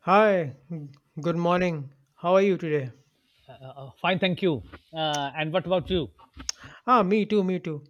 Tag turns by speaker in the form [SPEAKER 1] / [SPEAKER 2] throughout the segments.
[SPEAKER 1] Hi, g- Good morning. How are you today?
[SPEAKER 2] Fine, thank you. And what about you?
[SPEAKER 1] Me too.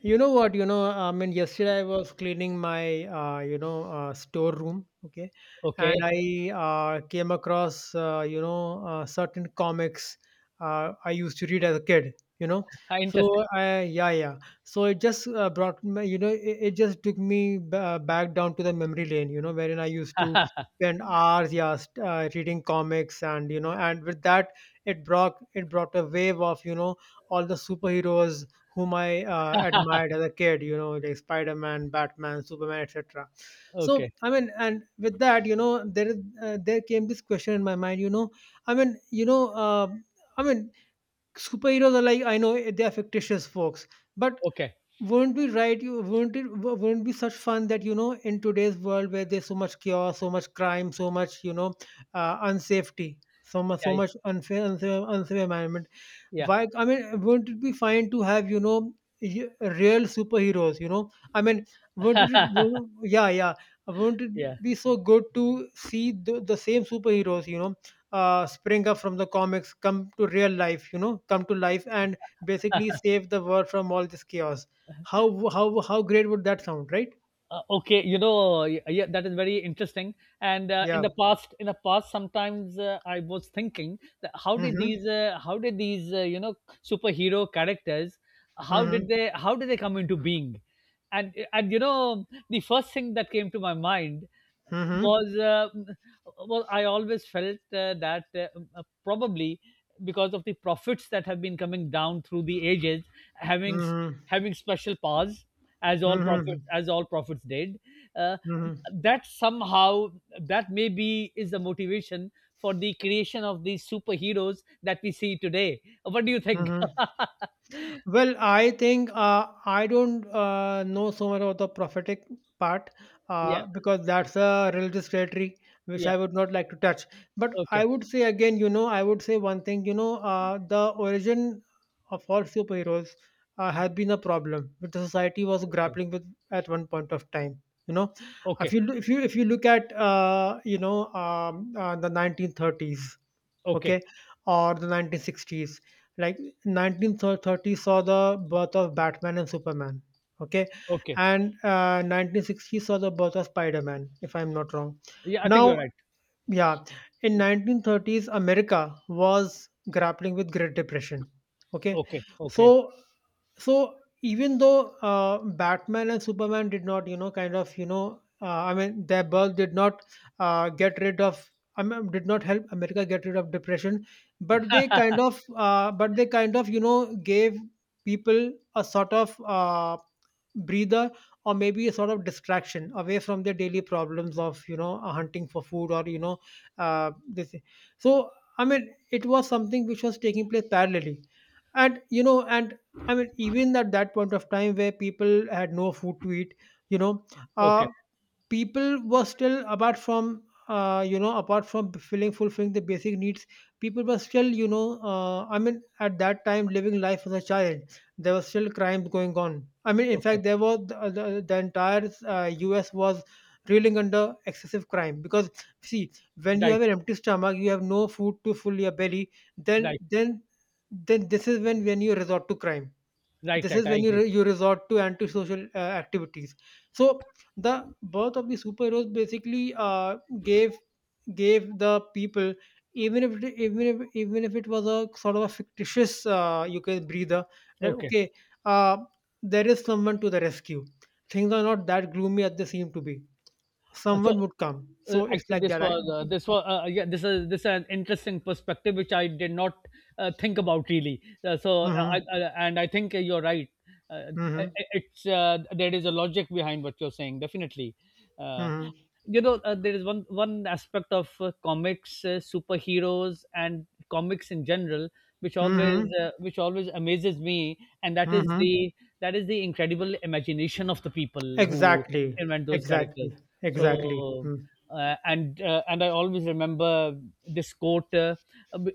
[SPEAKER 1] You know what? Yesterday I was cleaning my, storeroom, okay, and
[SPEAKER 2] Okay,
[SPEAKER 1] I came across, certain comics I used to read as a kid. You know,
[SPEAKER 2] interesting.
[SPEAKER 1] so I, yeah, yeah. So it just brought me, it just took me back down to the memory lane, You know, wherein I used to spend hours, yeah, reading comics. And you know, and with that, it brought a wave of, you know, all the superheroes whom I admired as a kid, you know, like Spider Man, Batman, Superman, etc. So,
[SPEAKER 2] Okay,
[SPEAKER 1] I mean, and with that, you know, there is There came this question in my mind, you know, I mean, you know, I mean, superheroes are, like, I know they are fictitious folks, but
[SPEAKER 2] okay,
[SPEAKER 1] wouldn't be right you wouldn't it wo- wouldn't be such fun that, you know, in today's world where there's so much chaos, so much crime, so much, unsafety, so much, so
[SPEAKER 2] yeah,
[SPEAKER 1] much unfair, unsafe environment.
[SPEAKER 2] yeah,
[SPEAKER 1] Why, wouldn't it be fine to have, you know y- real superheroes? You know, I mean, wouldn't it wouldn't- yeah yeah wouldn't it
[SPEAKER 2] yeah.
[SPEAKER 1] be so good to see the same superheroes, you know, spring up from the comics, come to real life, you know, come to life and basically save the world from all this chaos. How how how great would that sound, right?
[SPEAKER 2] Okay, you know, yeah, that is very interesting. And in
[SPEAKER 1] Yeah.
[SPEAKER 2] the past, sometimes I was thinking that how did
[SPEAKER 1] Mm-hmm.
[SPEAKER 2] these, you know, superhero characters,
[SPEAKER 1] Mm-hmm.
[SPEAKER 2] how did they come into being? And you know, the first thing that came to my mind
[SPEAKER 1] Mm-hmm.
[SPEAKER 2] was, well, I always felt that probably because of the profits that have been coming down through the ages, having
[SPEAKER 1] Mm-hmm.
[SPEAKER 2] having special powers
[SPEAKER 1] Mm-hmm.
[SPEAKER 2] as all prophets did, uh,
[SPEAKER 1] Mm-hmm.
[SPEAKER 2] that somehow, that maybe is the motivation for the creation of these superheroes that we see today. What do you think?
[SPEAKER 1] Mm-hmm. Well, I think I don't know so much about the prophetic part,
[SPEAKER 2] Yeah,
[SPEAKER 1] because that's a religious territory which
[SPEAKER 2] yeah.
[SPEAKER 1] I would not like to touch. But I
[SPEAKER 2] Okay,
[SPEAKER 1] would say again, you know, I would say one thing, you know, the origin of all superheroes has been a problem which the society was
[SPEAKER 2] okay,
[SPEAKER 1] grappling with at one point of time. You know, if
[SPEAKER 2] okay,
[SPEAKER 1] you if you if you look at the 1930s, okay,
[SPEAKER 2] okay,
[SPEAKER 1] or the 1960s. Like, 1930s saw the birth of Batman and Superman, okay,
[SPEAKER 2] okay.
[SPEAKER 1] and 1960s saw the birth of Spider-Man if I'm not wrong.
[SPEAKER 2] Yeah, I think
[SPEAKER 1] Now,
[SPEAKER 2] you're right.
[SPEAKER 1] yeah, in 1930s America was grappling with great depression, okay.
[SPEAKER 2] Okay, okay,
[SPEAKER 1] So so even though Batman and Superman did not, you know kind of you know I mean their birth did not get rid of, I mean did not help America get rid of depression, but they kind of, you know, gave people a sort of breather, or maybe a sort of distraction away from their daily problems of, you know, hunting for food, or you know, this so I mean it was something which was taking place parallelly. And you know, and I mean even at that point of time where people had no food to eat, you know,
[SPEAKER 2] okay,
[SPEAKER 1] uh, people were still, apart from, apart from filling fulfilling the basic needs, people were still, you know, at that time living life as a child, there was still crimes going on. I mean, in
[SPEAKER 2] okay.
[SPEAKER 1] fact, there was the entire U.S. was reeling under excessive crime, because see, when you
[SPEAKER 2] Right,
[SPEAKER 1] have an empty stomach, you have no food to fill your belly. Then,
[SPEAKER 2] right,
[SPEAKER 1] then, then, this is when you resort to crime,
[SPEAKER 2] right,
[SPEAKER 1] this is
[SPEAKER 2] right, I
[SPEAKER 1] when you
[SPEAKER 2] agree.
[SPEAKER 1] you resort to antisocial activities. So the birth of the superheroes basically gave gave the people, even if it was a sort of a fictitious, you can, breather, that
[SPEAKER 2] Okay.
[SPEAKER 1] okay, uh, there is someone to the rescue, things are not that gloomy as they seem to be,
[SPEAKER 2] Uh, so
[SPEAKER 1] someone would come. So it's
[SPEAKER 2] Actually,
[SPEAKER 1] like that. I,
[SPEAKER 2] this was yeah, this is an interesting perspective which I did not think about really.
[SPEAKER 1] hmm,
[SPEAKER 2] And I think you're right.
[SPEAKER 1] hmm,
[SPEAKER 2] It- it's There is a logic behind what you're saying, definitely. Uh,
[SPEAKER 1] hmm,
[SPEAKER 2] you know, there is one aspect of comics, superheroes, and comics in general, which always
[SPEAKER 1] hmm,
[SPEAKER 2] which always amazes me, and
[SPEAKER 1] hmm,
[SPEAKER 2] that is the incredible imagination of the people who
[SPEAKER 1] exactly,
[SPEAKER 2] invent those characters.
[SPEAKER 1] exactly, exactly,
[SPEAKER 2] So
[SPEAKER 1] hmm.
[SPEAKER 2] and I always remember this quote,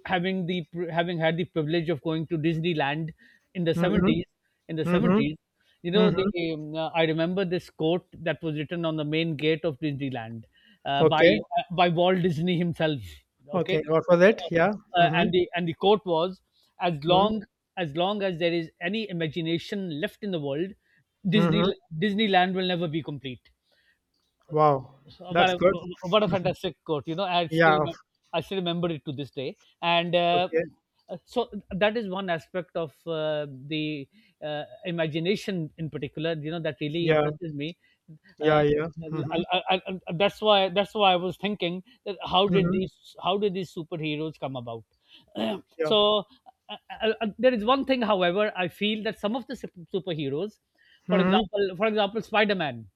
[SPEAKER 2] having the having had the privilege of going to Disneyland in the
[SPEAKER 1] Mm-hmm.
[SPEAKER 2] '70s, in the
[SPEAKER 1] Mhm.
[SPEAKER 2] 70s you know, the
[SPEAKER 1] Mhm.
[SPEAKER 2] I remember this quote that was written on the main gate of Disneyland
[SPEAKER 1] Okay.
[SPEAKER 2] by Walt Disney himself. Okay.
[SPEAKER 1] Okay. What was
[SPEAKER 2] uh,
[SPEAKER 1] it?
[SPEAKER 2] uh,
[SPEAKER 1] Yeah. Mhm.
[SPEAKER 2] and the quote was, as
[SPEAKER 1] Mhm.
[SPEAKER 2] long as long as there is any imagination left in the world, disney
[SPEAKER 1] Mhm.
[SPEAKER 2] Disneyland will never be complete.
[SPEAKER 1] Wow.
[SPEAKER 2] What
[SPEAKER 1] That's
[SPEAKER 2] a
[SPEAKER 1] good.
[SPEAKER 2] fantastic quote, you know,
[SPEAKER 1] Yeah.
[SPEAKER 2] I still remember it to this day. And
[SPEAKER 1] Okay.
[SPEAKER 2] so that is one aspect of the imagination in particular, you know, that really
[SPEAKER 1] Yeah.
[SPEAKER 2] impresses me.
[SPEAKER 1] Yeah.
[SPEAKER 2] Uh,
[SPEAKER 1] Yeah. Mhm.
[SPEAKER 2] that's why I was thinking that how did
[SPEAKER 1] Mhm.
[SPEAKER 2] these superheroes come about?
[SPEAKER 1] Yeah.
[SPEAKER 2] so uh, there is one thing, however, I feel that some of the superheroes, for
[SPEAKER 1] Mhm.
[SPEAKER 2] example, Spider Man,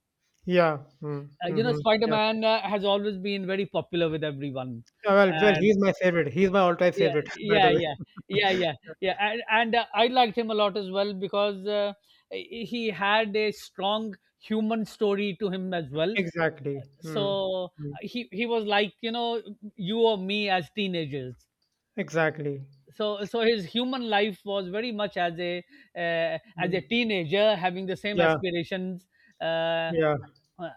[SPEAKER 1] Yeah. Mm.
[SPEAKER 2] you know,
[SPEAKER 1] Mhm. Yeah.
[SPEAKER 2] Spider-Man has always been very popular with everyone,
[SPEAKER 1] Yeah, well,
[SPEAKER 2] and
[SPEAKER 1] he's my favorite. He's my all-time
[SPEAKER 2] yeah,
[SPEAKER 1] favorite, by the
[SPEAKER 2] yeah, yeah,
[SPEAKER 1] way.
[SPEAKER 2] yeah, yeah, yeah. And, I liked him a lot as well, because he had a strong human story to him as well.
[SPEAKER 1] Exactly. Mm.
[SPEAKER 2] So
[SPEAKER 1] Mm.
[SPEAKER 2] he was like, you know, you or me as teenagers.
[SPEAKER 1] Exactly.
[SPEAKER 2] So his human life was very much uh, as a
[SPEAKER 1] Mm.
[SPEAKER 2] teenager having the same
[SPEAKER 1] Yeah.
[SPEAKER 2] aspirations. Uh,
[SPEAKER 1] Yeah.
[SPEAKER 2] uh,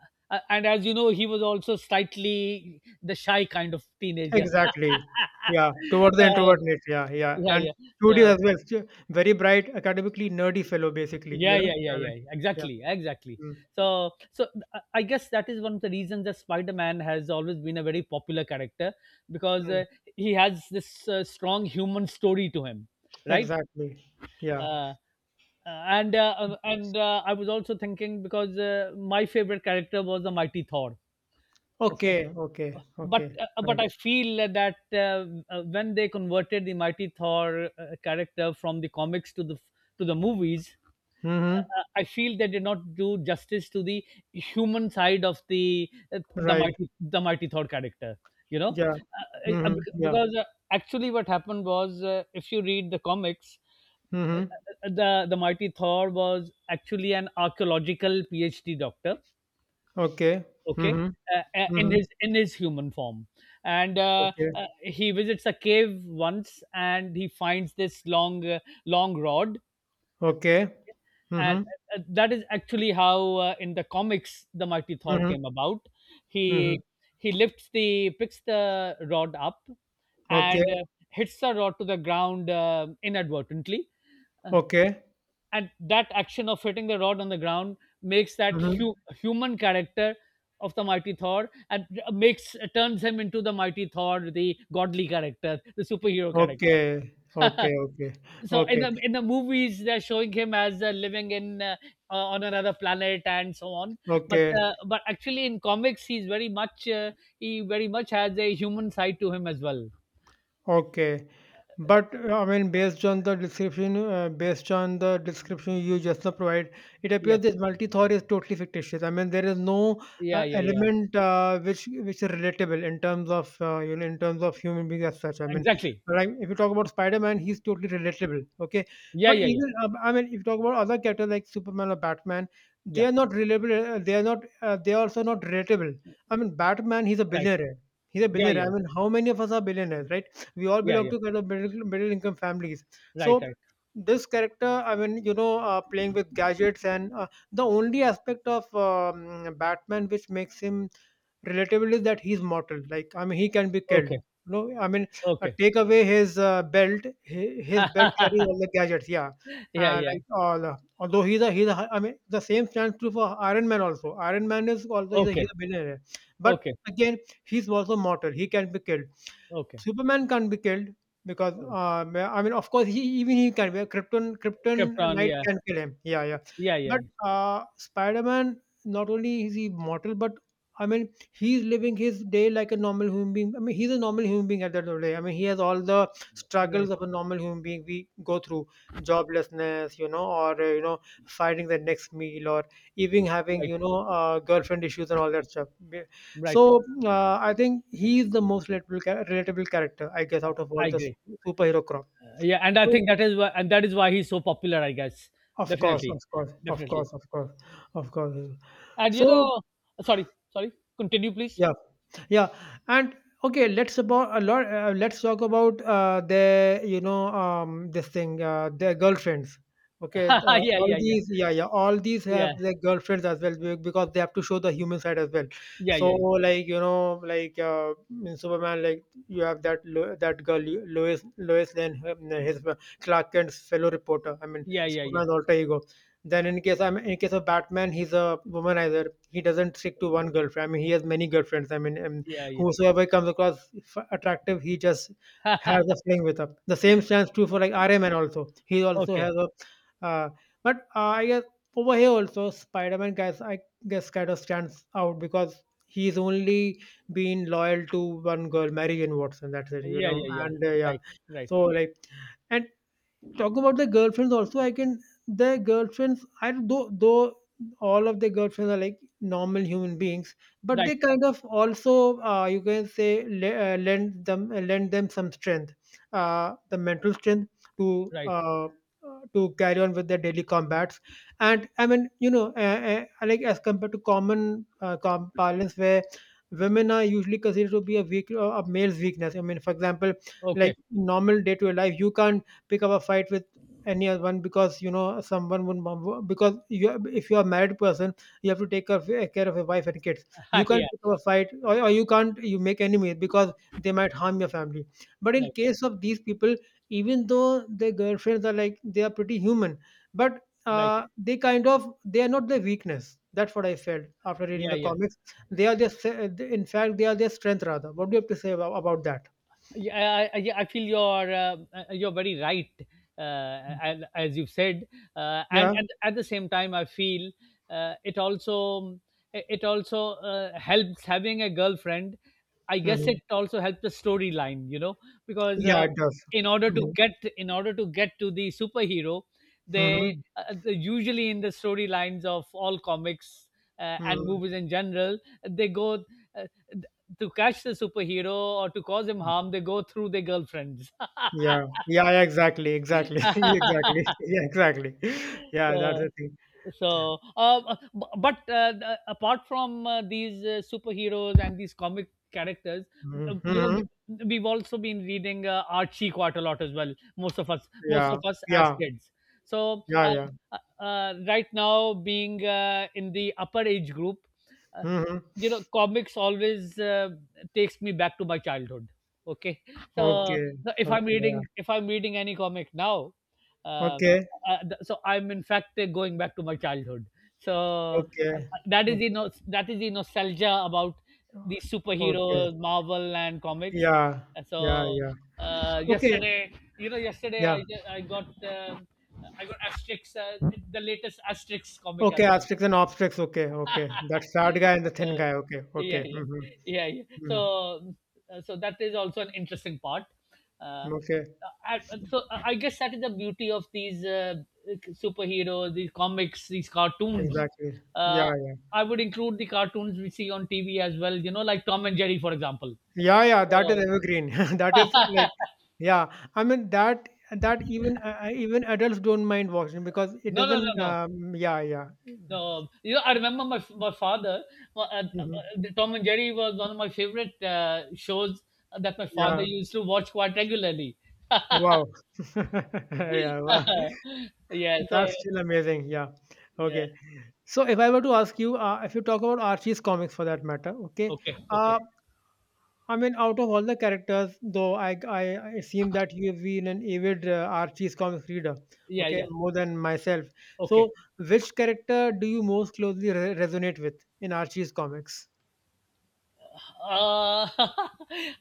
[SPEAKER 2] and as you know, he was also slightly the shy kind of teenager.
[SPEAKER 1] Exactly. Yeah, towards the
[SPEAKER 2] So
[SPEAKER 1] introvert niche. Yeah, yeah.
[SPEAKER 2] yeah,
[SPEAKER 1] And
[SPEAKER 2] yeah. So
[SPEAKER 1] studios as well. Very bright, academically nerdy fellow, basically, you
[SPEAKER 2] yeah,
[SPEAKER 1] know?
[SPEAKER 2] yeah, yeah,
[SPEAKER 1] Yeah.
[SPEAKER 2] yeah,
[SPEAKER 1] Like,
[SPEAKER 2] yeah. Exactly,
[SPEAKER 1] yeah.
[SPEAKER 2] exactly.
[SPEAKER 1] Mm,
[SPEAKER 2] So, I guess that is one of the reasons that Spider-Man has always been a very popular character, because
[SPEAKER 1] mm.
[SPEAKER 2] he has this strong human story to him, right?
[SPEAKER 1] Exactly. Yeah.
[SPEAKER 2] Uh, and I was also thinking because my favorite character was the Mighty Thor. Okay,
[SPEAKER 1] Okay, okay,
[SPEAKER 2] but
[SPEAKER 1] okay.
[SPEAKER 2] but
[SPEAKER 1] Right.
[SPEAKER 2] I feel that when they converted the Mighty Thor character from the comics to the movies,
[SPEAKER 1] Mm-hmm.
[SPEAKER 2] I feel they did not do justice to the human side of the
[SPEAKER 1] Right.
[SPEAKER 2] The Mighty Thor character. You know,
[SPEAKER 1] Yeah. Mm-hmm. Yeah.
[SPEAKER 2] because actually what happened was, if you read the comics,
[SPEAKER 1] Mm-hmm.
[SPEAKER 2] the Mighty Thor was actually an archaeological PhD doctor.
[SPEAKER 1] Okay.
[SPEAKER 2] Okay.
[SPEAKER 1] Mm-hmm.
[SPEAKER 2] In
[SPEAKER 1] Mm-hmm.
[SPEAKER 2] his human form, and
[SPEAKER 1] Okay.
[SPEAKER 2] he visits a cave once, and he finds this long long rod.
[SPEAKER 1] Okay.
[SPEAKER 2] And
[SPEAKER 1] Mm-hmm.
[SPEAKER 2] That is actually how, in the comics, the Mighty Thor
[SPEAKER 1] Mm-hmm.
[SPEAKER 2] came about.
[SPEAKER 1] Mm-hmm.
[SPEAKER 2] he he lifts the picks the rod up,
[SPEAKER 1] Okay.
[SPEAKER 2] and hits the rod to the ground, inadvertently. Uh,
[SPEAKER 1] Okay.
[SPEAKER 2] and that action of hitting the rod on the ground makes that
[SPEAKER 1] Mm-hmm.
[SPEAKER 2] human character of the Mighty Thor, and makes turns him into the Mighty Thor, the godly character, the superhero character.
[SPEAKER 1] Okay. Okay. Okay.
[SPEAKER 2] So in
[SPEAKER 1] Okay.
[SPEAKER 2] the movies, they're showing him as living in on another planet and so on. But
[SPEAKER 1] Okay.
[SPEAKER 2] actually, in comics, he's very much he very much has a human side to him as well.
[SPEAKER 1] Okay. But based on the description, based on the description you just now provide, it
[SPEAKER 2] Yeah,
[SPEAKER 1] appears that multi-Thor is totally fictitious. I mean, there is no
[SPEAKER 2] yeah, yeah, yeah.
[SPEAKER 1] element which is relatable in terms of, you know, in terms of human beings as such. I mean,
[SPEAKER 2] Exactly.
[SPEAKER 1] right, if you talk about Spider-Man, he's totally relatable. Okay,
[SPEAKER 2] Yeah,
[SPEAKER 1] but
[SPEAKER 2] yeah, yeah,
[SPEAKER 1] even if you talk about other characters like Superman or Batman, they
[SPEAKER 2] yeah.
[SPEAKER 1] are not relatable. They are not. They are also not relatable. I mean, Batman, he's a
[SPEAKER 2] Right.
[SPEAKER 1] billionaire. He's a
[SPEAKER 2] Yeah,
[SPEAKER 1] billionaire. I
[SPEAKER 2] yeah,
[SPEAKER 1] mean, how many of us are billionaires, right? We all
[SPEAKER 2] yeah, yeah,
[SPEAKER 1] belong
[SPEAKER 2] yeah.
[SPEAKER 1] to kind of middle income families.
[SPEAKER 2] Right,
[SPEAKER 1] So
[SPEAKER 2] right.
[SPEAKER 1] this character, I mean, you know, playing with gadgets, and the only aspect of Batman which makes him relatable is that he's mortal. Like, I mean, he can be killed.
[SPEAKER 2] Okay.
[SPEAKER 1] No, I mean,
[SPEAKER 2] Okay.
[SPEAKER 1] take away his belt. His belt carries all the gadgets, yeah.
[SPEAKER 2] Yeah,
[SPEAKER 1] uh,
[SPEAKER 2] yeah.
[SPEAKER 1] like all uh, although he's a, I mean the same stands true for Iron Man also. Iron Man is also,
[SPEAKER 2] Okay,
[SPEAKER 1] he's a billionaire, but
[SPEAKER 2] okay,
[SPEAKER 1] again he's also mortal. He can be killed.
[SPEAKER 2] okay,
[SPEAKER 1] Superman can't be killed, because
[SPEAKER 2] okay.
[SPEAKER 1] I mean, of course, he, even he can be. Krypton, Krypton
[SPEAKER 2] Kept on,
[SPEAKER 1] Knight
[SPEAKER 2] yeah.
[SPEAKER 1] can kill him. Yeah, yeah.
[SPEAKER 2] Yeah, yeah, yeah.
[SPEAKER 1] But Spider-Man, not only is he mortal, but I mean, he's living his day like a normal human being. I mean, he's a normal human being at the end of the day. I mean, he has all the struggles
[SPEAKER 2] Right,
[SPEAKER 1] of a normal human being. We go through joblessness, you know, or finding the next meal, or even having,
[SPEAKER 2] right,
[SPEAKER 1] you know, girlfriend issues and all that stuff.
[SPEAKER 2] right,
[SPEAKER 1] So I think he is the most relatable, relatable character, I guess, out of all
[SPEAKER 2] I
[SPEAKER 1] the
[SPEAKER 2] agree.
[SPEAKER 1] superhero crop.
[SPEAKER 2] Yeah, and I
[SPEAKER 1] So,
[SPEAKER 2] think that is why he's so popular, I guess.
[SPEAKER 1] of course,
[SPEAKER 2] Definitely.
[SPEAKER 1] of course, of
[SPEAKER 2] Definitely.
[SPEAKER 1] course, of course, of course.
[SPEAKER 2] And you
[SPEAKER 1] So
[SPEAKER 2] know, sorry, sorry. Continue, please.
[SPEAKER 1] yeah, yeah, and okay, let's about a lot. Let's talk about the, you know, this thing, their girlfriends. Okay,
[SPEAKER 2] Yeah,
[SPEAKER 1] all
[SPEAKER 2] yeah, yeah.
[SPEAKER 1] these, yeah, yeah, all these have
[SPEAKER 2] Yeah.
[SPEAKER 1] their girlfriends as well, because they have to show the human side as well.
[SPEAKER 2] Yeah,
[SPEAKER 1] So,
[SPEAKER 2] yeah, yeah.
[SPEAKER 1] like, you know, in Superman, like you have that, that girl, Lois Lane, his, Clark Kent's fellow reporter. I mean,
[SPEAKER 2] Yeah, yeah, yeah.
[SPEAKER 1] Superman's alter ego. Then in case, of Batman, he's a womanizer, he doesn't stick to one girlfriend. I mean, he has many girlfriends. I mean, and
[SPEAKER 2] Yeah, yeah.
[SPEAKER 1] whosoever comes across attractive, he just has a fling with her. The same stands true for, like, Iron Man also. He also
[SPEAKER 2] Okay.
[SPEAKER 1] has a, uh, but I guess over here also Spider Man guys, I guess, kind of stands out because he's only been loyal to one girl, Mary Jane Watson. That's it, you
[SPEAKER 2] Yeah,
[SPEAKER 1] know.
[SPEAKER 2] yeah, yeah.
[SPEAKER 1] And yeah,
[SPEAKER 2] Right, right.
[SPEAKER 1] so like, and talk about the girlfriends also, I can The girlfriends I though all of the girlfriends are like normal human beings, but
[SPEAKER 2] Right,
[SPEAKER 1] they kind of also, you can say, lend them some strength, the mental strength, to
[SPEAKER 2] right.
[SPEAKER 1] uh, to carry on with their daily combats. And I mean, you know, like as compared to common parlance where women are usually considered to be a weak, a male's weakness. I mean, for example, like,
[SPEAKER 2] Okay.
[SPEAKER 1] normal day-to-day life, you can't pick up a fight with anyone, because, you know, someone would, mom- because you if you are a married person, you have to take care of your wife and kids. You can't
[SPEAKER 2] Yeah.
[SPEAKER 1] pick up a fight, or you can't, you make enemies, because they might harm your family. But in
[SPEAKER 2] Right,
[SPEAKER 1] case of these people, even though their girlfriends are, like, they are pretty human, but
[SPEAKER 2] right.
[SPEAKER 1] they kind of they are not their weakness. That's what I felt after reading
[SPEAKER 2] Yeah,
[SPEAKER 1] the
[SPEAKER 2] yeah.
[SPEAKER 1] comics. They are their in fact they are their strength rather. What do you have to say about that?
[SPEAKER 2] Yeah, I feel you're very right, and as you've said,
[SPEAKER 1] Yeah.
[SPEAKER 2] and at the same time, I feel uh, it also it also helps having a girlfriend. I guess it
[SPEAKER 1] Mhm.
[SPEAKER 2] also helps the storyline, you know, because
[SPEAKER 1] Yeah it does.
[SPEAKER 2] in order to get to the superhero, they
[SPEAKER 1] Mhm.
[SPEAKER 2] usually in the storylines of all comics and
[SPEAKER 1] Mhm.
[SPEAKER 2] movies in general, they go. Uh, to catch the superhero or to cause him harm, they go through their girlfriends.
[SPEAKER 1] Yeah. Yeah, yeah, exactly, exactly. Exactly. Yeah, exactly. Yeah, that's
[SPEAKER 2] so
[SPEAKER 1] the thing.
[SPEAKER 2] so uh, uh, but apart from these superheroes and these comic characters,
[SPEAKER 1] Mhm.
[SPEAKER 2] you know,
[SPEAKER 1] Mhm.
[SPEAKER 2] we've also been reading Archie quite a lot as well, most of us,
[SPEAKER 1] Yeah.
[SPEAKER 2] as
[SPEAKER 1] Yeah.
[SPEAKER 2] kids. So
[SPEAKER 1] Yeah, yeah.
[SPEAKER 2] right now, being in the upper age group, uh,
[SPEAKER 1] Mhm.
[SPEAKER 2] you know, comics always takes me back to my childhood. Okay. So
[SPEAKER 1] Okay.
[SPEAKER 2] if
[SPEAKER 1] Okay.
[SPEAKER 2] I'm
[SPEAKER 1] Yeah.
[SPEAKER 2] reading, any comic now, uh,
[SPEAKER 1] Okay.
[SPEAKER 2] so I'm in fact going back to my childhood. So uh,
[SPEAKER 1] Okay.
[SPEAKER 2] that is the
[SPEAKER 1] Okay.
[SPEAKER 2] that is the nostalgia about the
[SPEAKER 1] Okay.
[SPEAKER 2] superheroes, Marvel and comics.
[SPEAKER 1] Yeah.
[SPEAKER 2] Uh,
[SPEAKER 1] Yeah,
[SPEAKER 2] So
[SPEAKER 1] yeah. Okay.
[SPEAKER 2] Yesterday, you know,
[SPEAKER 1] Yeah.
[SPEAKER 2] I got Asterix, the latest Asterix comic
[SPEAKER 1] Okay,
[SPEAKER 2] as well.
[SPEAKER 1] asterisks and obstetrics. Okay. Okay. That fat guy and the
[SPEAKER 2] uh,
[SPEAKER 1] thin guy. Okay.
[SPEAKER 2] yeah,
[SPEAKER 1] Okay.
[SPEAKER 2] yeah,
[SPEAKER 1] Mhm.
[SPEAKER 2] yeah, yeah.
[SPEAKER 1] Mhm.
[SPEAKER 2] So, so that is also an interesting part. Uh,
[SPEAKER 1] Okay.
[SPEAKER 2] I, I guess that is the beauty of these superheroes, these comics, these cartoons.
[SPEAKER 1] Exactly. Yeah,
[SPEAKER 2] Uh,
[SPEAKER 1] yeah.
[SPEAKER 2] I would include the cartoons we see on TV as well. You know, like Tom and Jerry, for example.
[SPEAKER 1] Yeah, yeah. That is
[SPEAKER 2] Uh,
[SPEAKER 1] evergreen. That is like. Yeah, I mean that even adults don't mind watching because it
[SPEAKER 2] no, no, no,
[SPEAKER 1] doesn't.
[SPEAKER 2] no.
[SPEAKER 1] Yeah, yeah.
[SPEAKER 2] No, you know, I remember my father. uh, uh,
[SPEAKER 1] Hmm,
[SPEAKER 2] uh, Tom and Jerry was one of my favorite shows that my father
[SPEAKER 1] yeah.
[SPEAKER 2] used to watch quite regularly.
[SPEAKER 1] Wow. Yeah, wow.
[SPEAKER 2] Yeah, so
[SPEAKER 1] That's still amazing. Yeah.
[SPEAKER 2] yeah.
[SPEAKER 1] Okay. So if I were to ask you, if you talk about Archie's comics for that matter, okay,
[SPEAKER 2] Okay, okay.
[SPEAKER 1] uh, I mean, out of all the characters, though, I, it seems that you have been an avid Archie's comics reader,
[SPEAKER 2] Yeah,
[SPEAKER 1] okay,
[SPEAKER 2] yeah.
[SPEAKER 1] more than myself.
[SPEAKER 2] Okay.
[SPEAKER 1] So which character do you most closely resonate with in Archie's comics?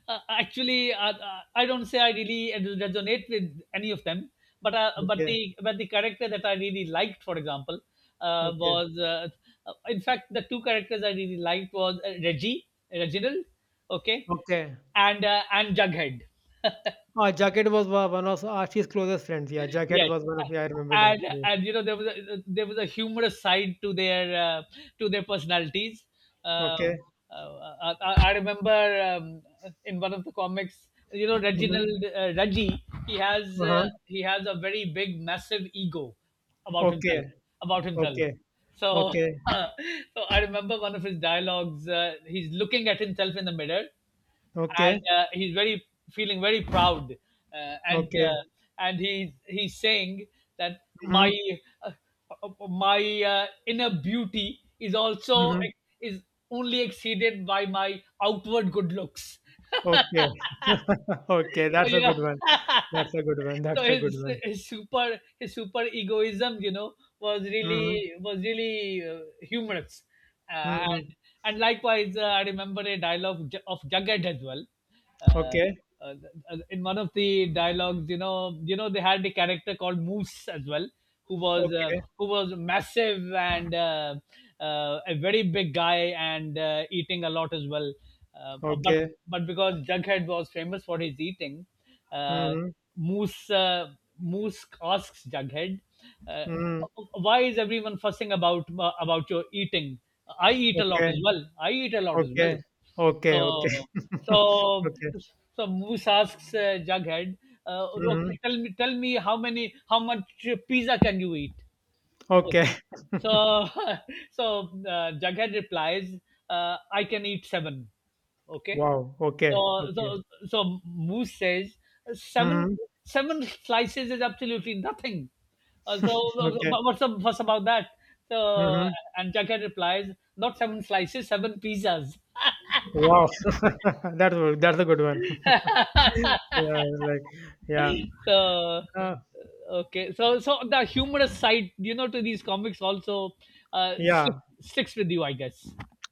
[SPEAKER 2] Actually, I don't say I really resonate with any of them, but
[SPEAKER 1] Okay,
[SPEAKER 2] but the character that I really liked, for example,
[SPEAKER 1] okay,
[SPEAKER 2] was in fact, the two characters I really liked was Reggie, Reginald, okay,
[SPEAKER 1] okay.
[SPEAKER 2] and Jughead.
[SPEAKER 1] Ah, Jacket was one of Archie's closest friends. Yeah, Jacket
[SPEAKER 2] Yes.
[SPEAKER 1] was one of. Yeah, I remember
[SPEAKER 2] And
[SPEAKER 1] that. Yeah.
[SPEAKER 2] you know, there was a humorous side to their personalities. um,
[SPEAKER 1] Okay.
[SPEAKER 2] I remember, in one of the comics, you know,
[SPEAKER 1] Mm-hmm.
[SPEAKER 2] Reginald, Reggie,
[SPEAKER 1] Uh-huh.
[SPEAKER 2] he has a very big, massive ego about
[SPEAKER 1] Okay.
[SPEAKER 2] himself, about himself
[SPEAKER 1] Okay.
[SPEAKER 2] so.
[SPEAKER 1] Okay.
[SPEAKER 2] So I remember one of his dialogues. He's looking at himself in the mirror,
[SPEAKER 1] Okay.
[SPEAKER 2] and he's very feeling very proud, uh, and
[SPEAKER 1] Okay.
[SPEAKER 2] uh, and he's saying that my
[SPEAKER 1] Mhm,
[SPEAKER 2] uh, inner beauty is also
[SPEAKER 1] mhm.
[SPEAKER 2] is only exceeded by my outward good looks.
[SPEAKER 1] Okay. Okay,
[SPEAKER 2] So
[SPEAKER 1] that's a
[SPEAKER 2] yeah.
[SPEAKER 1] good one. That's a good one.
[SPEAKER 2] So
[SPEAKER 1] That's a
[SPEAKER 2] his
[SPEAKER 1] good one.
[SPEAKER 2] his super egoism, you know,
[SPEAKER 1] Mhm,
[SPEAKER 2] was really humorous, uh, and
[SPEAKER 1] mhm.
[SPEAKER 2] and likewise, I remember a dialogue of Jughead as well. Uh,
[SPEAKER 1] Okay,
[SPEAKER 2] uh, in one of the dialogues, you know, they had a character called Moose as well, who was uh,
[SPEAKER 1] okay,
[SPEAKER 2] who was massive, and a very big guy, and eating a lot as well. Uh, but
[SPEAKER 1] okay.
[SPEAKER 2] but because Jughead was famous for his eating, uh,
[SPEAKER 1] Mhm,
[SPEAKER 2] Moose uh, Moose asks Jughead, uh,
[SPEAKER 1] mhm.
[SPEAKER 2] "Why is everyone fussing about your eating? I eat a lot
[SPEAKER 1] Okay,
[SPEAKER 2] as well. I eat a lot as
[SPEAKER 1] okay,
[SPEAKER 2] well."
[SPEAKER 1] okay, okay.
[SPEAKER 2] So so
[SPEAKER 1] Okay.
[SPEAKER 2] so Moose asks Jughead,
[SPEAKER 1] Mhm.
[SPEAKER 2] "Okay, tell me, how many, how much pizza can you eat?"
[SPEAKER 1] Okay.
[SPEAKER 2] Okay, so so Jughead replies, "I can eat seven. Okay,
[SPEAKER 1] Wow.
[SPEAKER 2] so
[SPEAKER 1] Okay, okay.
[SPEAKER 2] Moose says, seven
[SPEAKER 1] Mhm.
[SPEAKER 2] seven slices is absolutely nothing.
[SPEAKER 1] Okay.
[SPEAKER 2] What's the fuss about that? So
[SPEAKER 1] Mhm.
[SPEAKER 2] and Jughead replies, "Not seven slices, seven pizzas."
[SPEAKER 1] Wow. That's a good one. Yeah, like, yeah.
[SPEAKER 2] So
[SPEAKER 1] Uh,
[SPEAKER 2] okay, so so the humorous side, you know, to these comics also uh, stick,
[SPEAKER 1] yeah.
[SPEAKER 2] sticks with you, I guess.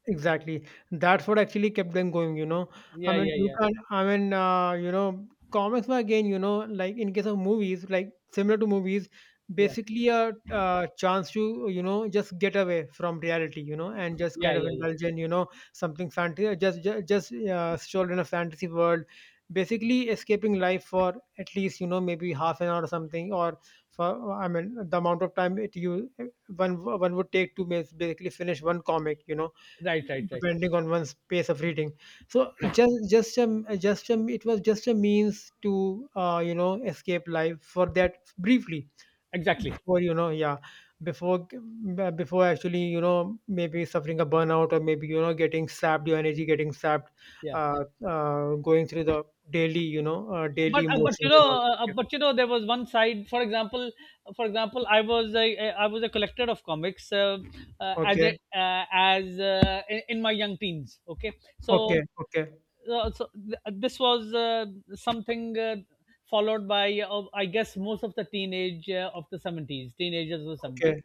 [SPEAKER 1] Exactly. That's what actually kept them going. You know. I
[SPEAKER 2] Yeah,
[SPEAKER 1] mean,
[SPEAKER 2] yeah,
[SPEAKER 1] you
[SPEAKER 2] yeah,
[SPEAKER 1] can't, I mean, comics were, again, you know, like in case of movies, like similar to movies,
[SPEAKER 2] yeah,
[SPEAKER 1] basically a chance to you know, just get away from reality, you know, and just
[SPEAKER 2] yeah,
[SPEAKER 1] kind of
[SPEAKER 2] yeah, yeah.
[SPEAKER 1] indulge in you know, something fantasy, just stroll in a fantasy world, basically escaping life for at least you know, maybe half an hour or something, or for, I mean, the amount of time it you one would take to basically finish one comic, you know
[SPEAKER 2] Right, right, right.
[SPEAKER 1] depending on one's pace of reading. So just just a just a it was just a means to escape life for that briefly,
[SPEAKER 2] Exactly.
[SPEAKER 1] before you know yeah. Before actually, you know maybe suffering a burnout, or maybe getting sapped, your energy getting sapped,
[SPEAKER 2] Yeah.
[SPEAKER 1] uh, going through the daily you know daily emotions and all that. Yeah.
[SPEAKER 2] But you know there was one side. For example, I was a collector of comics as a,
[SPEAKER 1] Okay,
[SPEAKER 2] as in my young teens. Okay, so
[SPEAKER 1] okay. Okay,
[SPEAKER 2] so this was something followed by I guess most of the teenagers of the
[SPEAKER 1] okay.
[SPEAKER 2] 70s,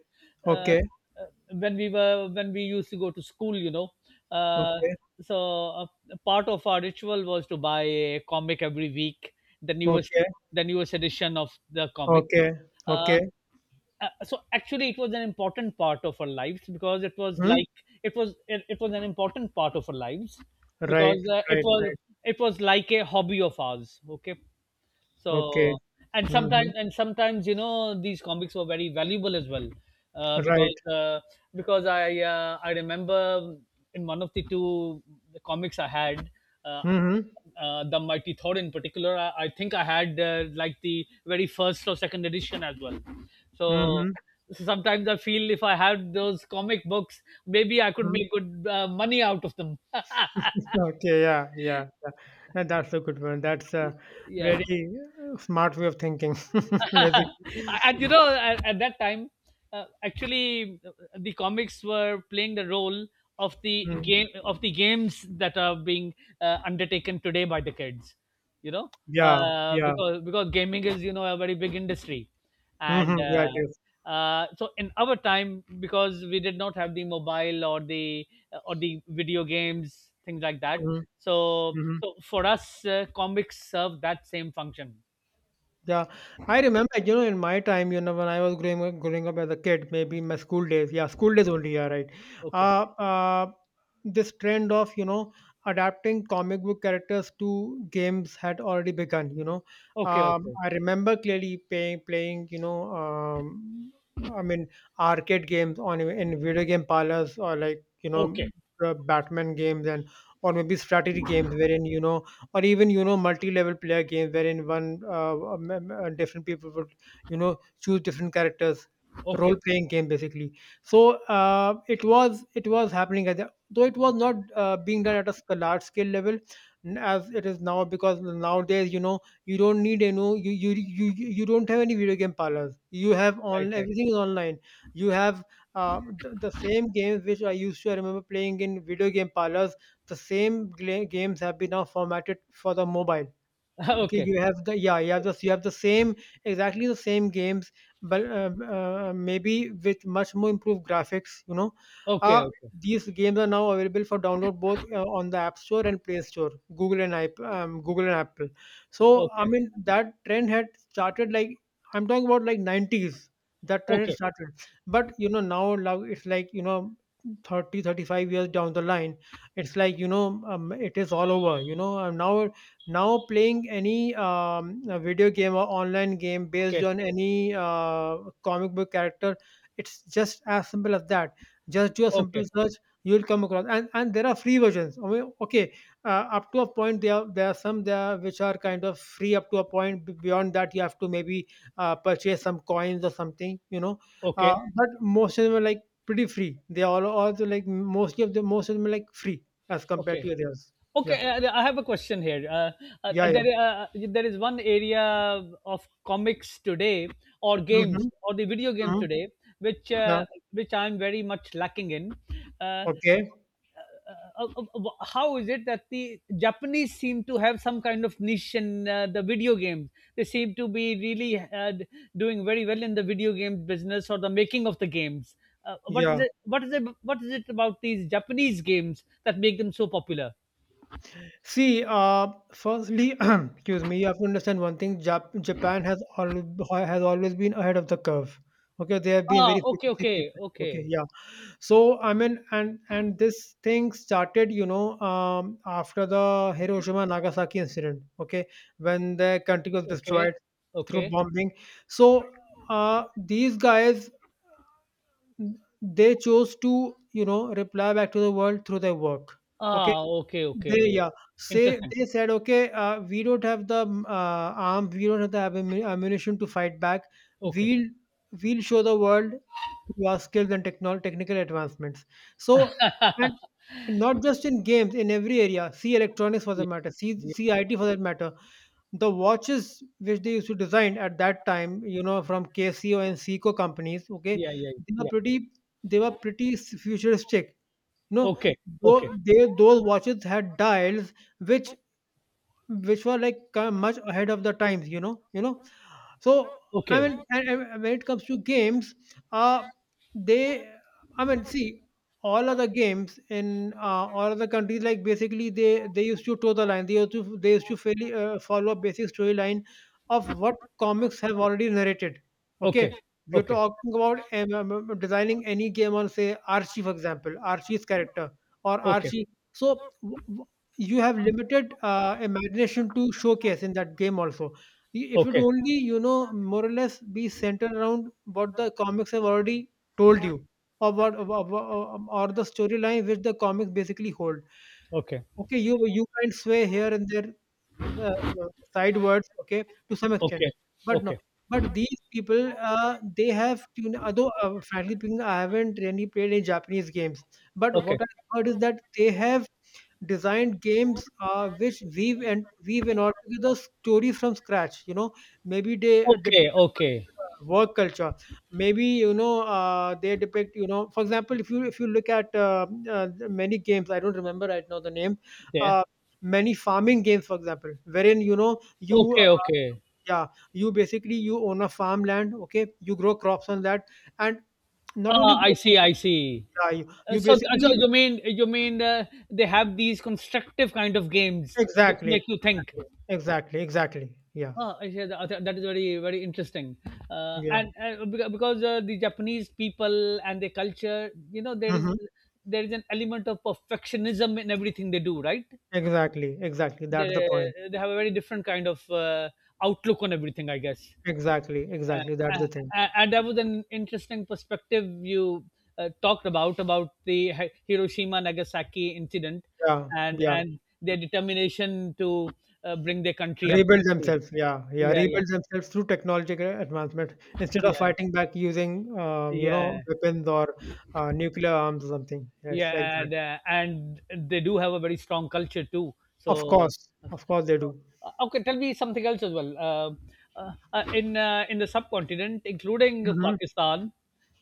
[SPEAKER 2] uh,
[SPEAKER 1] Okay,
[SPEAKER 2] uh, when we were when we used to go to school, you know. uh,
[SPEAKER 1] okay.
[SPEAKER 2] so uh, part of our ritual was to buy a comic every week, the newest
[SPEAKER 1] Okay,
[SPEAKER 2] the newest edition of the comic.
[SPEAKER 1] okay,
[SPEAKER 2] uh,
[SPEAKER 1] okay.
[SPEAKER 2] so actually it was an important part of our lives because it was
[SPEAKER 1] Hmm?
[SPEAKER 2] it was an important part of our lives
[SPEAKER 1] Right,
[SPEAKER 2] because it
[SPEAKER 1] right,
[SPEAKER 2] was,
[SPEAKER 1] right.
[SPEAKER 2] it was like a hobby of ours. Okay,
[SPEAKER 1] Okay.
[SPEAKER 2] so and sometimes
[SPEAKER 1] Mhm.
[SPEAKER 2] and sometimes you know, these comics were very valuable as well, uh, because
[SPEAKER 1] Right.
[SPEAKER 2] uh, because I remember, in one of the two comics I had. Uh,
[SPEAKER 1] Mhm.
[SPEAKER 2] the Mighty Thor in particular, I think I had, like, the very first or second edition as well. So
[SPEAKER 1] Mhm.
[SPEAKER 2] so sometimes I feel if I had those comic books, maybe I could
[SPEAKER 1] Mhm.
[SPEAKER 2] make good money out of them.
[SPEAKER 1] Okay. Yeah. Yeah. Yeah. Yeah, that's a good one. That's a
[SPEAKER 2] Yeah.
[SPEAKER 1] very smart way of thinking, basically.
[SPEAKER 2] And you know, at that time, actually the comics were playing the role of the
[SPEAKER 1] Mm.
[SPEAKER 2] games that are being undertaken today by the kids, you know,
[SPEAKER 1] Yeah.
[SPEAKER 2] uh,
[SPEAKER 1] Yeah.
[SPEAKER 2] because because gaming is, you know, a very big industry.
[SPEAKER 1] Mhm.
[SPEAKER 2] and
[SPEAKER 1] Yeah.
[SPEAKER 2] uh,
[SPEAKER 1] It is.
[SPEAKER 2] uh, so in our time, because we did not have the mobile, or the video games, things like that,
[SPEAKER 1] Mhm.
[SPEAKER 2] so
[SPEAKER 1] Mhm.
[SPEAKER 2] so for us comics serve that same function.
[SPEAKER 1] Yeah, I remember you know, in my time, you know, when I was growing up as a kid, maybe in my school days, yeah, school days only, yeah, right.
[SPEAKER 2] Okay,
[SPEAKER 1] Uh, uh, this trend of you know, adapting comic book characters to games had already begun.
[SPEAKER 2] okay, okay.
[SPEAKER 1] I remember clearly playing, I mean, arcade games on in video game parlors or like,
[SPEAKER 2] Okay,
[SPEAKER 1] Batman games, and or maybe strategy games, wherein, you know, or even multi-level player games wherein one different people would choose different characters,
[SPEAKER 2] okay,
[SPEAKER 1] role-playing game basically. So it was happening at the, though it was not being done at a large scale level, as it is now, because nowadays you know you don't need, you don't have any video game parlors, you have
[SPEAKER 2] right,
[SPEAKER 1] on
[SPEAKER 2] right.
[SPEAKER 1] everything is online. You have the same games which I used to I remember playing in video game parlors. The same games have been now formatted for the mobile. Okay,
[SPEAKER 2] Okay,
[SPEAKER 1] you have the yeah, you have the same exactly the same games, but maybe with much more improved graphics.
[SPEAKER 2] okay,
[SPEAKER 1] Uh,
[SPEAKER 2] okay,
[SPEAKER 1] these games are now available for download both on the App Store and Play Store, Google and Apple. So I
[SPEAKER 2] okay,
[SPEAKER 1] mean that trend had started, like I'm talking about like 90s. That trend had
[SPEAKER 2] okay,
[SPEAKER 1] started, but now it's like, 30 35 years down the line. It's like, you know it is all over, you know and now now playing any video game or online game based
[SPEAKER 2] okay,
[SPEAKER 1] on any comic book character, it's just as simple as that. Just do a simple
[SPEAKER 2] okay,
[SPEAKER 1] search, you'll come across, and there are free versions. I mean, okay, up to a point there are some there which are kind of free up to a point. Beyond that, you have to maybe purchase some coins or something,
[SPEAKER 2] okay,
[SPEAKER 1] but most of them are like pretty free. They are all also like mostly of the most of them are like free as compared
[SPEAKER 2] okay.
[SPEAKER 1] to others. Yeah,
[SPEAKER 2] Okay, I have a question here. Uh,
[SPEAKER 1] yeah,
[SPEAKER 2] uh,
[SPEAKER 1] yeah.
[SPEAKER 2] there, uh, there is one area of comics today, or games,
[SPEAKER 1] Hmm.
[SPEAKER 2] or the video game
[SPEAKER 1] Mhm.
[SPEAKER 2] today, which
[SPEAKER 1] Yeah.
[SPEAKER 2] uh, which I'm very much lacking in. Uh,
[SPEAKER 1] Okay.
[SPEAKER 2] how is it that the Japanese seem to have some kind of niche in the video games? They seem to be really doing very well in the video game business, or the making of the games. What is
[SPEAKER 1] Yeah.
[SPEAKER 2] it? What is it? What is it about these Japanese games that make them so popular?
[SPEAKER 1] See, firstly, excuse me, you have to understand one thing. Japan has al has always been ahead of the curve. Okay, they have been
[SPEAKER 2] Ah,
[SPEAKER 1] very quick
[SPEAKER 2] okay, okay,
[SPEAKER 1] people.
[SPEAKER 2] okay,
[SPEAKER 1] Okay, yeah. So I mean, and this thing started, after the Hiroshima Nagasaki incident. Okay, when the country was
[SPEAKER 2] okay,
[SPEAKER 1] destroyed through
[SPEAKER 2] okay.
[SPEAKER 1] bombing. So these guys, they chose to reply back to the world through their work. Okay.
[SPEAKER 2] Ah, okay,
[SPEAKER 1] They
[SPEAKER 2] okay.
[SPEAKER 1] Yeah. Say
[SPEAKER 2] Interesting.
[SPEAKER 1] They said, "Okay, we don't have the arm, we don't have the ammunition to fight back.
[SPEAKER 2] Okay.
[SPEAKER 1] We'll we'll show the world through our skills and technical advancements." So, and not just in games, in every area. See electronics for that
[SPEAKER 2] Yeah,
[SPEAKER 1] matter. See
[SPEAKER 2] yeah,
[SPEAKER 1] see IT for that matter. The watches which they used to design at that time, from KCO and Seiko companies. Okay,
[SPEAKER 2] yeah, yeah.
[SPEAKER 1] they were
[SPEAKER 2] Yeah.
[SPEAKER 1] pretty they were pretty futuristic, no,
[SPEAKER 2] Okay, okay,
[SPEAKER 1] though they those watches had dials which which were like much ahead of the times. So I
[SPEAKER 2] okay,
[SPEAKER 1] mean, and when it comes to games, uh, they, I mean, see, all other games in all other countries, like basically they used to toe the line. They used to fairly, follow a basic storyline of what comics have already narrated.
[SPEAKER 2] okay,
[SPEAKER 1] Okay, we're
[SPEAKER 2] okay,
[SPEAKER 1] talking about designing any game on, say, Archie, for example, Archie's character or
[SPEAKER 2] okay,
[SPEAKER 1] Archie. So you have limited imagination to showcase in that game also, if you'd
[SPEAKER 2] okay,
[SPEAKER 1] only, more or less be centered around what the comics have already told you, or what, or the storyline which the comics basically hold.
[SPEAKER 2] okay,
[SPEAKER 1] Okay, you can sway here and there, uh, sidewards. Okay, to some extent, but no.
[SPEAKER 2] okay,
[SPEAKER 1] But these people, they have, you know, although frankly speaking, I haven't really played any Japanese games. But
[SPEAKER 2] okay,
[SPEAKER 1] what I heard is that they have designed games which weave and weave in all together stories from scratch. You know maybe they
[SPEAKER 2] okay, okay,
[SPEAKER 1] depict
[SPEAKER 2] okay.
[SPEAKER 1] work culture. Maybe they depict, for example, if you look at many games, I don't remember right now the name,
[SPEAKER 2] Yeah.
[SPEAKER 1] uh, many farming games, for example, wherein you
[SPEAKER 2] Okay, okay.
[SPEAKER 1] yeah, you basically, you own a farmland okay you grow crops on that and not only
[SPEAKER 2] Ah, I
[SPEAKER 1] grow
[SPEAKER 2] see,
[SPEAKER 1] crops,
[SPEAKER 2] I see.
[SPEAKER 1] yeah, you,
[SPEAKER 2] Uh,
[SPEAKER 1] you
[SPEAKER 2] so, uh, so
[SPEAKER 1] basically.
[SPEAKER 2] you mean, you mean, they have these constructive kind of games which
[SPEAKER 1] Exactly,
[SPEAKER 2] make you think.
[SPEAKER 1] exactly, exactly, exactly, yeah.
[SPEAKER 2] Oh, I see. That, that is very, very interesting.
[SPEAKER 1] Yeah.
[SPEAKER 2] And because the Japanese people and their culture, you know, there is,
[SPEAKER 1] Mhm.
[SPEAKER 2] there is an element of perfectionism in everything they do, right?
[SPEAKER 1] Exactly, exactly. That's the
[SPEAKER 2] They
[SPEAKER 1] point.
[SPEAKER 2] they have a very different kind of outlook on everything, I guess.
[SPEAKER 1] Exactly,
[SPEAKER 2] Uh,
[SPEAKER 1] exactly. That's
[SPEAKER 2] uh,
[SPEAKER 1] the thing.
[SPEAKER 2] and that was an interesting perspective you talked about the Hiroshima Nagasaki incident,
[SPEAKER 1] Yeah, yeah.
[SPEAKER 2] and their determination to bring their country up
[SPEAKER 1] Rebuild
[SPEAKER 2] quickly.
[SPEAKER 1] themselves. Yeah, yeah.
[SPEAKER 2] Yeah,
[SPEAKER 1] Rebuild
[SPEAKER 2] yeah,
[SPEAKER 1] themselves through technological advancement instead of
[SPEAKER 2] yeah.
[SPEAKER 1] fighting back using,
[SPEAKER 2] Yeah,
[SPEAKER 1] weapons or nuclear arms or something. Yeah, it's like
[SPEAKER 2] yeah.
[SPEAKER 1] that.
[SPEAKER 2] And they do have a very strong culture too. So
[SPEAKER 1] Of course they do.
[SPEAKER 2] okay, tell me something else as well. Uh, in in the subcontinent, including
[SPEAKER 1] Mm-hmm.
[SPEAKER 2] Pakistan,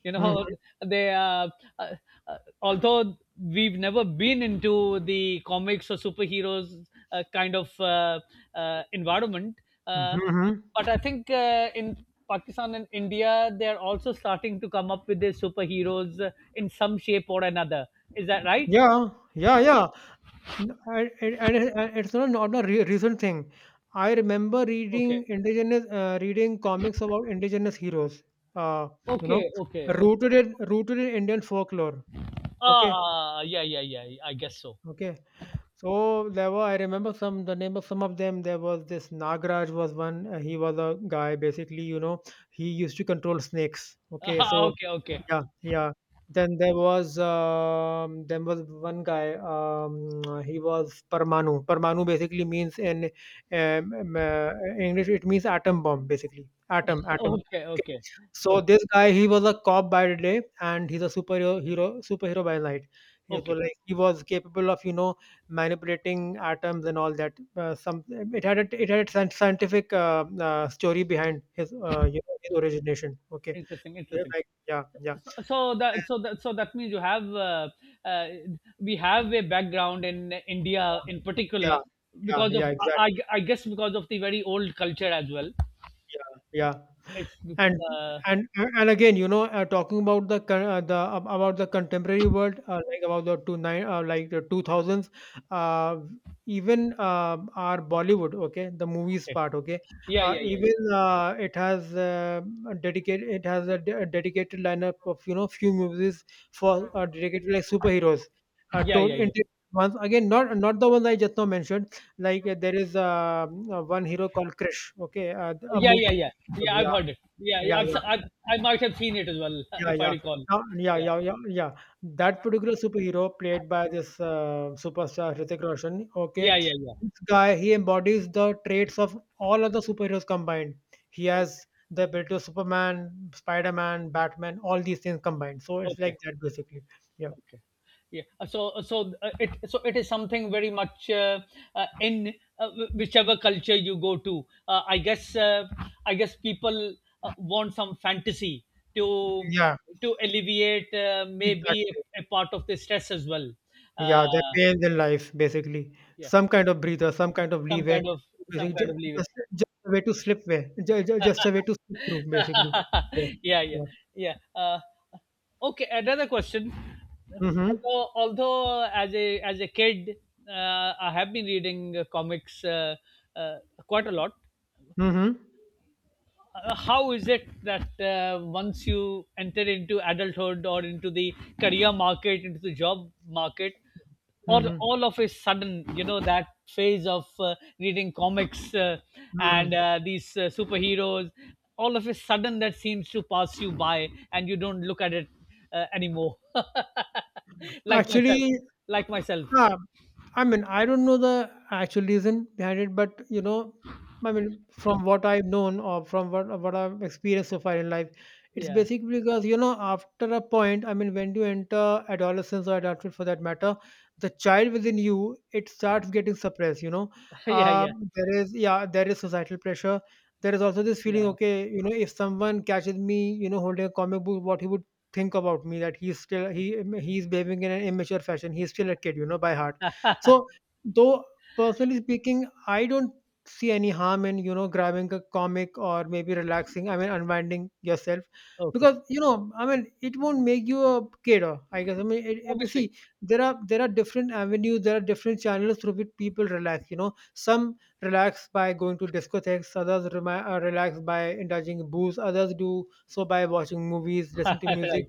[SPEAKER 2] you know,
[SPEAKER 1] Mm-hmm.
[SPEAKER 2] they, uh, although we've never been into the comics or superheroes, uh, kind of uh, environment, uh,
[SPEAKER 1] Mm-hmm.
[SPEAKER 2] but I think in Pakistan and India, they are also starting to come up with their superheroes in some shape or another. Is that right?
[SPEAKER 1] Yeah, yeah, yeah. No, and it's not a recent thing. I remember
[SPEAKER 2] Okay.
[SPEAKER 1] reading comics about indigenous heroes. Uh, you know,
[SPEAKER 2] Okay. Okay. Okay.
[SPEAKER 1] Rooted in Indian folklore. Okay,
[SPEAKER 2] Ah, yeah, yeah, yeah. I guess so.
[SPEAKER 1] okay. So there were, I remember some, the name of some of them. There was this Nagraj was one. He was a guy basically, he used to control snakes. Okay, so
[SPEAKER 2] Okay. Okay.
[SPEAKER 1] yeah, yeah. Then there was one guy. He was Parmanu. Parmanu basically means in um, um, uh, English, it means atom bomb basically. Atom, atom.
[SPEAKER 2] Okay.
[SPEAKER 1] Okay.
[SPEAKER 2] Okay.
[SPEAKER 1] So
[SPEAKER 2] Okay.
[SPEAKER 1] this guy, he was a cop by day, and he's a superhero by night. He was
[SPEAKER 2] Okay.
[SPEAKER 1] like he was capable of, manipulating atoms and all that. Some it had a scientific story behind his you know his origination. Okay.
[SPEAKER 2] Interesting.
[SPEAKER 1] They're
[SPEAKER 2] Interesting.
[SPEAKER 1] like, yeah, yeah,
[SPEAKER 2] So, so
[SPEAKER 1] yeah,
[SPEAKER 2] that so that so that means you have, uh, we have a background in India in
[SPEAKER 1] yeah,
[SPEAKER 2] particular,
[SPEAKER 1] yeah,
[SPEAKER 2] because of,
[SPEAKER 1] yeah,
[SPEAKER 2] I,
[SPEAKER 1] exactly.
[SPEAKER 2] I I guess, because of the very old culture as well.
[SPEAKER 1] Yeah, yeah.
[SPEAKER 2] It's
[SPEAKER 1] And
[SPEAKER 2] uh,
[SPEAKER 1] and again, talking about the contemporary world, like about like the 2000s, uh, even our Bollywood, okay, the movies
[SPEAKER 2] okay.
[SPEAKER 1] part, okay,
[SPEAKER 2] Yeah, yeah, yeah.
[SPEAKER 1] even it has dedicated, it has a dedicated lineup of few movies for dedicated like superheroes.
[SPEAKER 2] Yeah,
[SPEAKER 1] Told
[SPEAKER 2] yeah,
[SPEAKER 1] in,
[SPEAKER 2] yeah.
[SPEAKER 1] once again, not the ones I just now mentioned. Like, there is one hero called Krish, okay, a
[SPEAKER 2] Yeah, yeah,
[SPEAKER 1] movie.
[SPEAKER 2] yeah. Yeah, I've
[SPEAKER 1] Yeah,
[SPEAKER 2] heard it. Yeah,
[SPEAKER 1] yeah,
[SPEAKER 2] yeah.
[SPEAKER 1] yeah,
[SPEAKER 2] I might have seen it as well,
[SPEAKER 1] yeah,
[SPEAKER 2] if I
[SPEAKER 1] yeah.
[SPEAKER 2] recall.
[SPEAKER 1] Yeah,
[SPEAKER 2] Yeah,
[SPEAKER 1] yeah, yeah, yeah. That particular superhero played by this superstar Hrithik Roshan, okay,
[SPEAKER 2] yeah, yeah, yeah.
[SPEAKER 1] this guy, he embodies the traits of all other superheroes combined. He has the ability of Superman, Spider-Man, Batman, all these things combined. So it's
[SPEAKER 2] Okay,
[SPEAKER 1] like that basically. Yeah,
[SPEAKER 2] okay, okay. Yeah. So it, so it is something very much in whichever culture you go to. I guess people want some fantasy to
[SPEAKER 1] yeah,
[SPEAKER 2] to alleviate, maybe,
[SPEAKER 1] exactly.
[SPEAKER 2] a part of the stress as well.
[SPEAKER 1] Yeah, they're
[SPEAKER 2] Uh,
[SPEAKER 1] paying their life basically.
[SPEAKER 2] yeah.
[SPEAKER 1] Some kind of breather, some kind of
[SPEAKER 2] Some
[SPEAKER 1] leeway,
[SPEAKER 2] kind of, some
[SPEAKER 1] basically
[SPEAKER 2] kind
[SPEAKER 1] ju-
[SPEAKER 2] of leeway.
[SPEAKER 1] just a way to slip way, just a way to slip through, basically. Yeah,
[SPEAKER 2] Yeah, yeah,
[SPEAKER 1] yeah.
[SPEAKER 2] yeah. Okay, another question.
[SPEAKER 1] Mm-hmm.
[SPEAKER 2] Although as a, as a kid, I have been reading comics, uh, quite a lot.
[SPEAKER 1] Mm-hmm.
[SPEAKER 2] Uh, how is it that once you enter into adulthood or into the career market, into the job market, or
[SPEAKER 1] Mm-hmm.
[SPEAKER 2] all of a sudden, you know, that phase of reading comics uh, and
[SPEAKER 1] Mm-hmm.
[SPEAKER 2] uh, these superheroes, all of a sudden that seems to pass you by and you don't look at it anymore, like myself,
[SPEAKER 1] Actually,
[SPEAKER 2] like myself.
[SPEAKER 1] ah, I mean, I don't know the actual reason behind it, but I mean, from what I've known, or from what I've experienced so far in life, it's
[SPEAKER 2] Yeah.
[SPEAKER 1] basically because, after a point, I mean, when you enter adolescence or adulthood for that matter, the child within you, it starts getting suppressed.
[SPEAKER 2] Yeah,
[SPEAKER 1] Uh,
[SPEAKER 2] yeah,
[SPEAKER 1] there is Yeah, there is societal pressure. There is also this feeling,
[SPEAKER 2] yeah,
[SPEAKER 1] okay, if someone catches me holding a comic book, what he would think about me, that he's still he he's behaving in an immature fashion. He's still a kid, by heart. So, though personally speaking, I don't see any harm in, grabbing a comic or maybe relaxing. I mean, unwinding yourself,
[SPEAKER 2] okay.
[SPEAKER 1] because, I mean, it won't make you a cater, I guess. I mean, it,
[SPEAKER 2] Obviously.
[SPEAKER 1] see, there are different avenues, there are different channels through which people relax. Some relax by going to discotheques, others relax by indulging in booze, others do so by watching movies, listen to
[SPEAKER 2] Right,
[SPEAKER 1] music.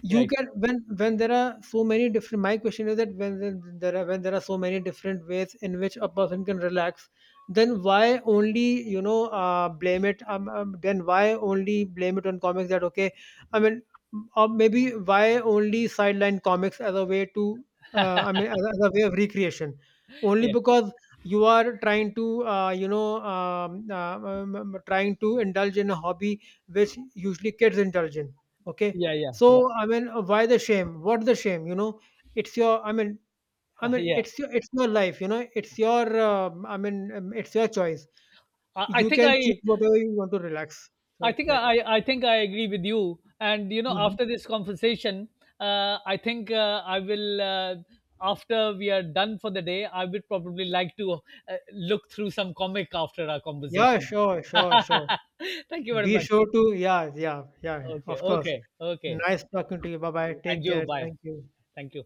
[SPEAKER 1] You
[SPEAKER 2] right.
[SPEAKER 1] can When there are so many different my question is that when there are so many different ways in which a person can relax, then why only, blame it, then why only blame it on comics that, okay, I mean, or maybe why only sideline comics as a way to, I mean, as a way of recreation, only
[SPEAKER 2] Yeah,
[SPEAKER 1] because you are trying to trying to indulge in a hobby which usually kids indulge in, okay.
[SPEAKER 2] yeah, yeah, right.
[SPEAKER 1] So I mean, why the shame? What the shame? It's your, I mean, I mean,
[SPEAKER 2] Yeah,
[SPEAKER 1] It's your life. You know, it's your. I mean, it's your choice.
[SPEAKER 2] I I
[SPEAKER 1] You
[SPEAKER 2] think
[SPEAKER 1] can
[SPEAKER 2] I,
[SPEAKER 1] choose whatever you want to relax. So it's like,
[SPEAKER 2] I think I agree with you. And you know,
[SPEAKER 1] mhm.
[SPEAKER 2] after this conversation, I think I will. After we are done for the day, I would probably like to look through some comic after our
[SPEAKER 1] Yeah,
[SPEAKER 2] conversation.
[SPEAKER 1] sure, sure, sure.
[SPEAKER 2] Thank you very
[SPEAKER 1] Be
[SPEAKER 2] much.
[SPEAKER 1] sure to, yeah, yeah, yeah.
[SPEAKER 2] Okay,
[SPEAKER 1] Of course.
[SPEAKER 2] okay, okay.
[SPEAKER 1] Nice talking to you. Bye bye.
[SPEAKER 2] And
[SPEAKER 1] Take
[SPEAKER 2] you,
[SPEAKER 1] care.
[SPEAKER 2] bye.
[SPEAKER 1] Thank you.
[SPEAKER 2] Thank you.